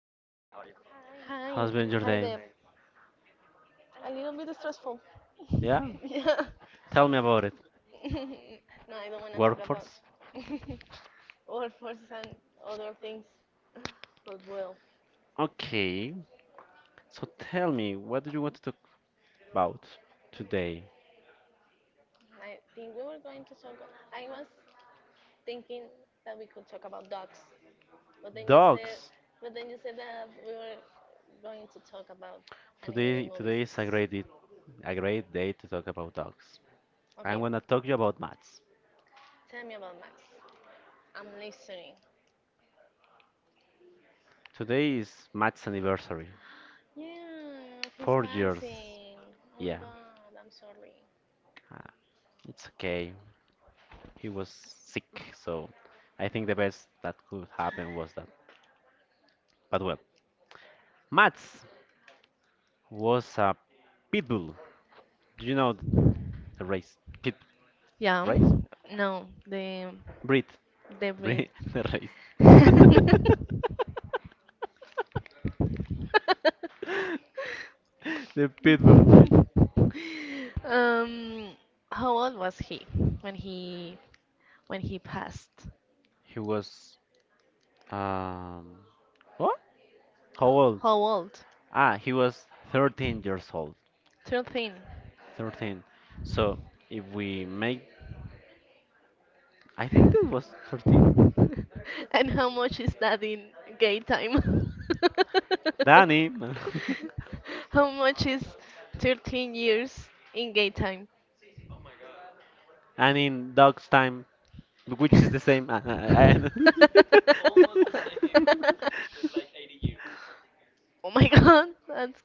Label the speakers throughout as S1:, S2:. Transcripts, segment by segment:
S1: you?
S2: Hi,
S1: How's
S2: hi
S1: been your
S2: there.
S1: day?
S2: A little bit stressful.
S1: Yeah,
S2: Yeah. No,
S1: tell me about it.
S2: I don't want to talk about
S1: Workforce?
S2: all forces and other things, but well,
S1: Okay, so tell me, what do you want to talk about today?
S2: I think we were going to talk. I was thinking that we could talk about dogs, but then you said,
S1: Dogs.
S2: but then you said that we were going to talk about animated
S1: Today
S2: movies.
S1: is a great day to talk about dogs.
S2: Okay,
S1: I'm gonna talk to you about Matt's.
S2: tell me about Max. I'm listening.
S1: Today is Matt's anniversary.
S2: Yeah, he's
S1: 4 years.
S2: passing. Oh my
S1: Yeah,
S2: god, I'm sorry.
S1: uh, it's okay. He was sick, so I think the best that could happen was that. But well, Mats, was a pit bull. Do you know the race? Pit
S2: Yeah.
S1: race?
S2: No, the
S1: Breed.
S2: the breed.
S1: Breed. The race. the pit bull breed.
S2: um, how old was he when he when he passed?
S1: He was um what? How old?
S2: How old?
S1: Ah, he was 13 years old.
S2: 13.
S1: 13. So if we make, I think that was 13.
S2: And how much is that in gay time?
S1: Danny,
S2: How much is 13 years in gay time?
S1: and in dog's time, which is the same. I-
S2: Oh my god, that's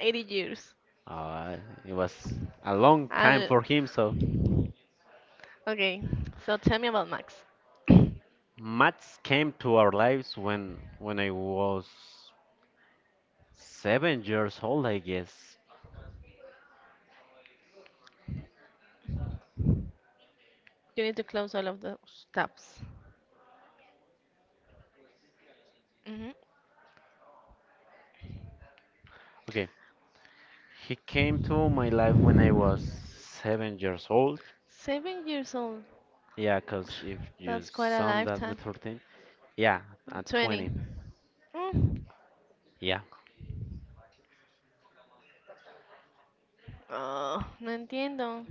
S2: 80 years.
S1: Uh, it was a long time
S2: And
S1: for him. So
S2: okay, so tell me about Max.
S1: maths came to our lives when I was 7 years old, I guess.
S2: You need to close all of those tabs. Hmm. 7 years old. That's quite a lifetime. 20. Mm. Oh, no entiendo.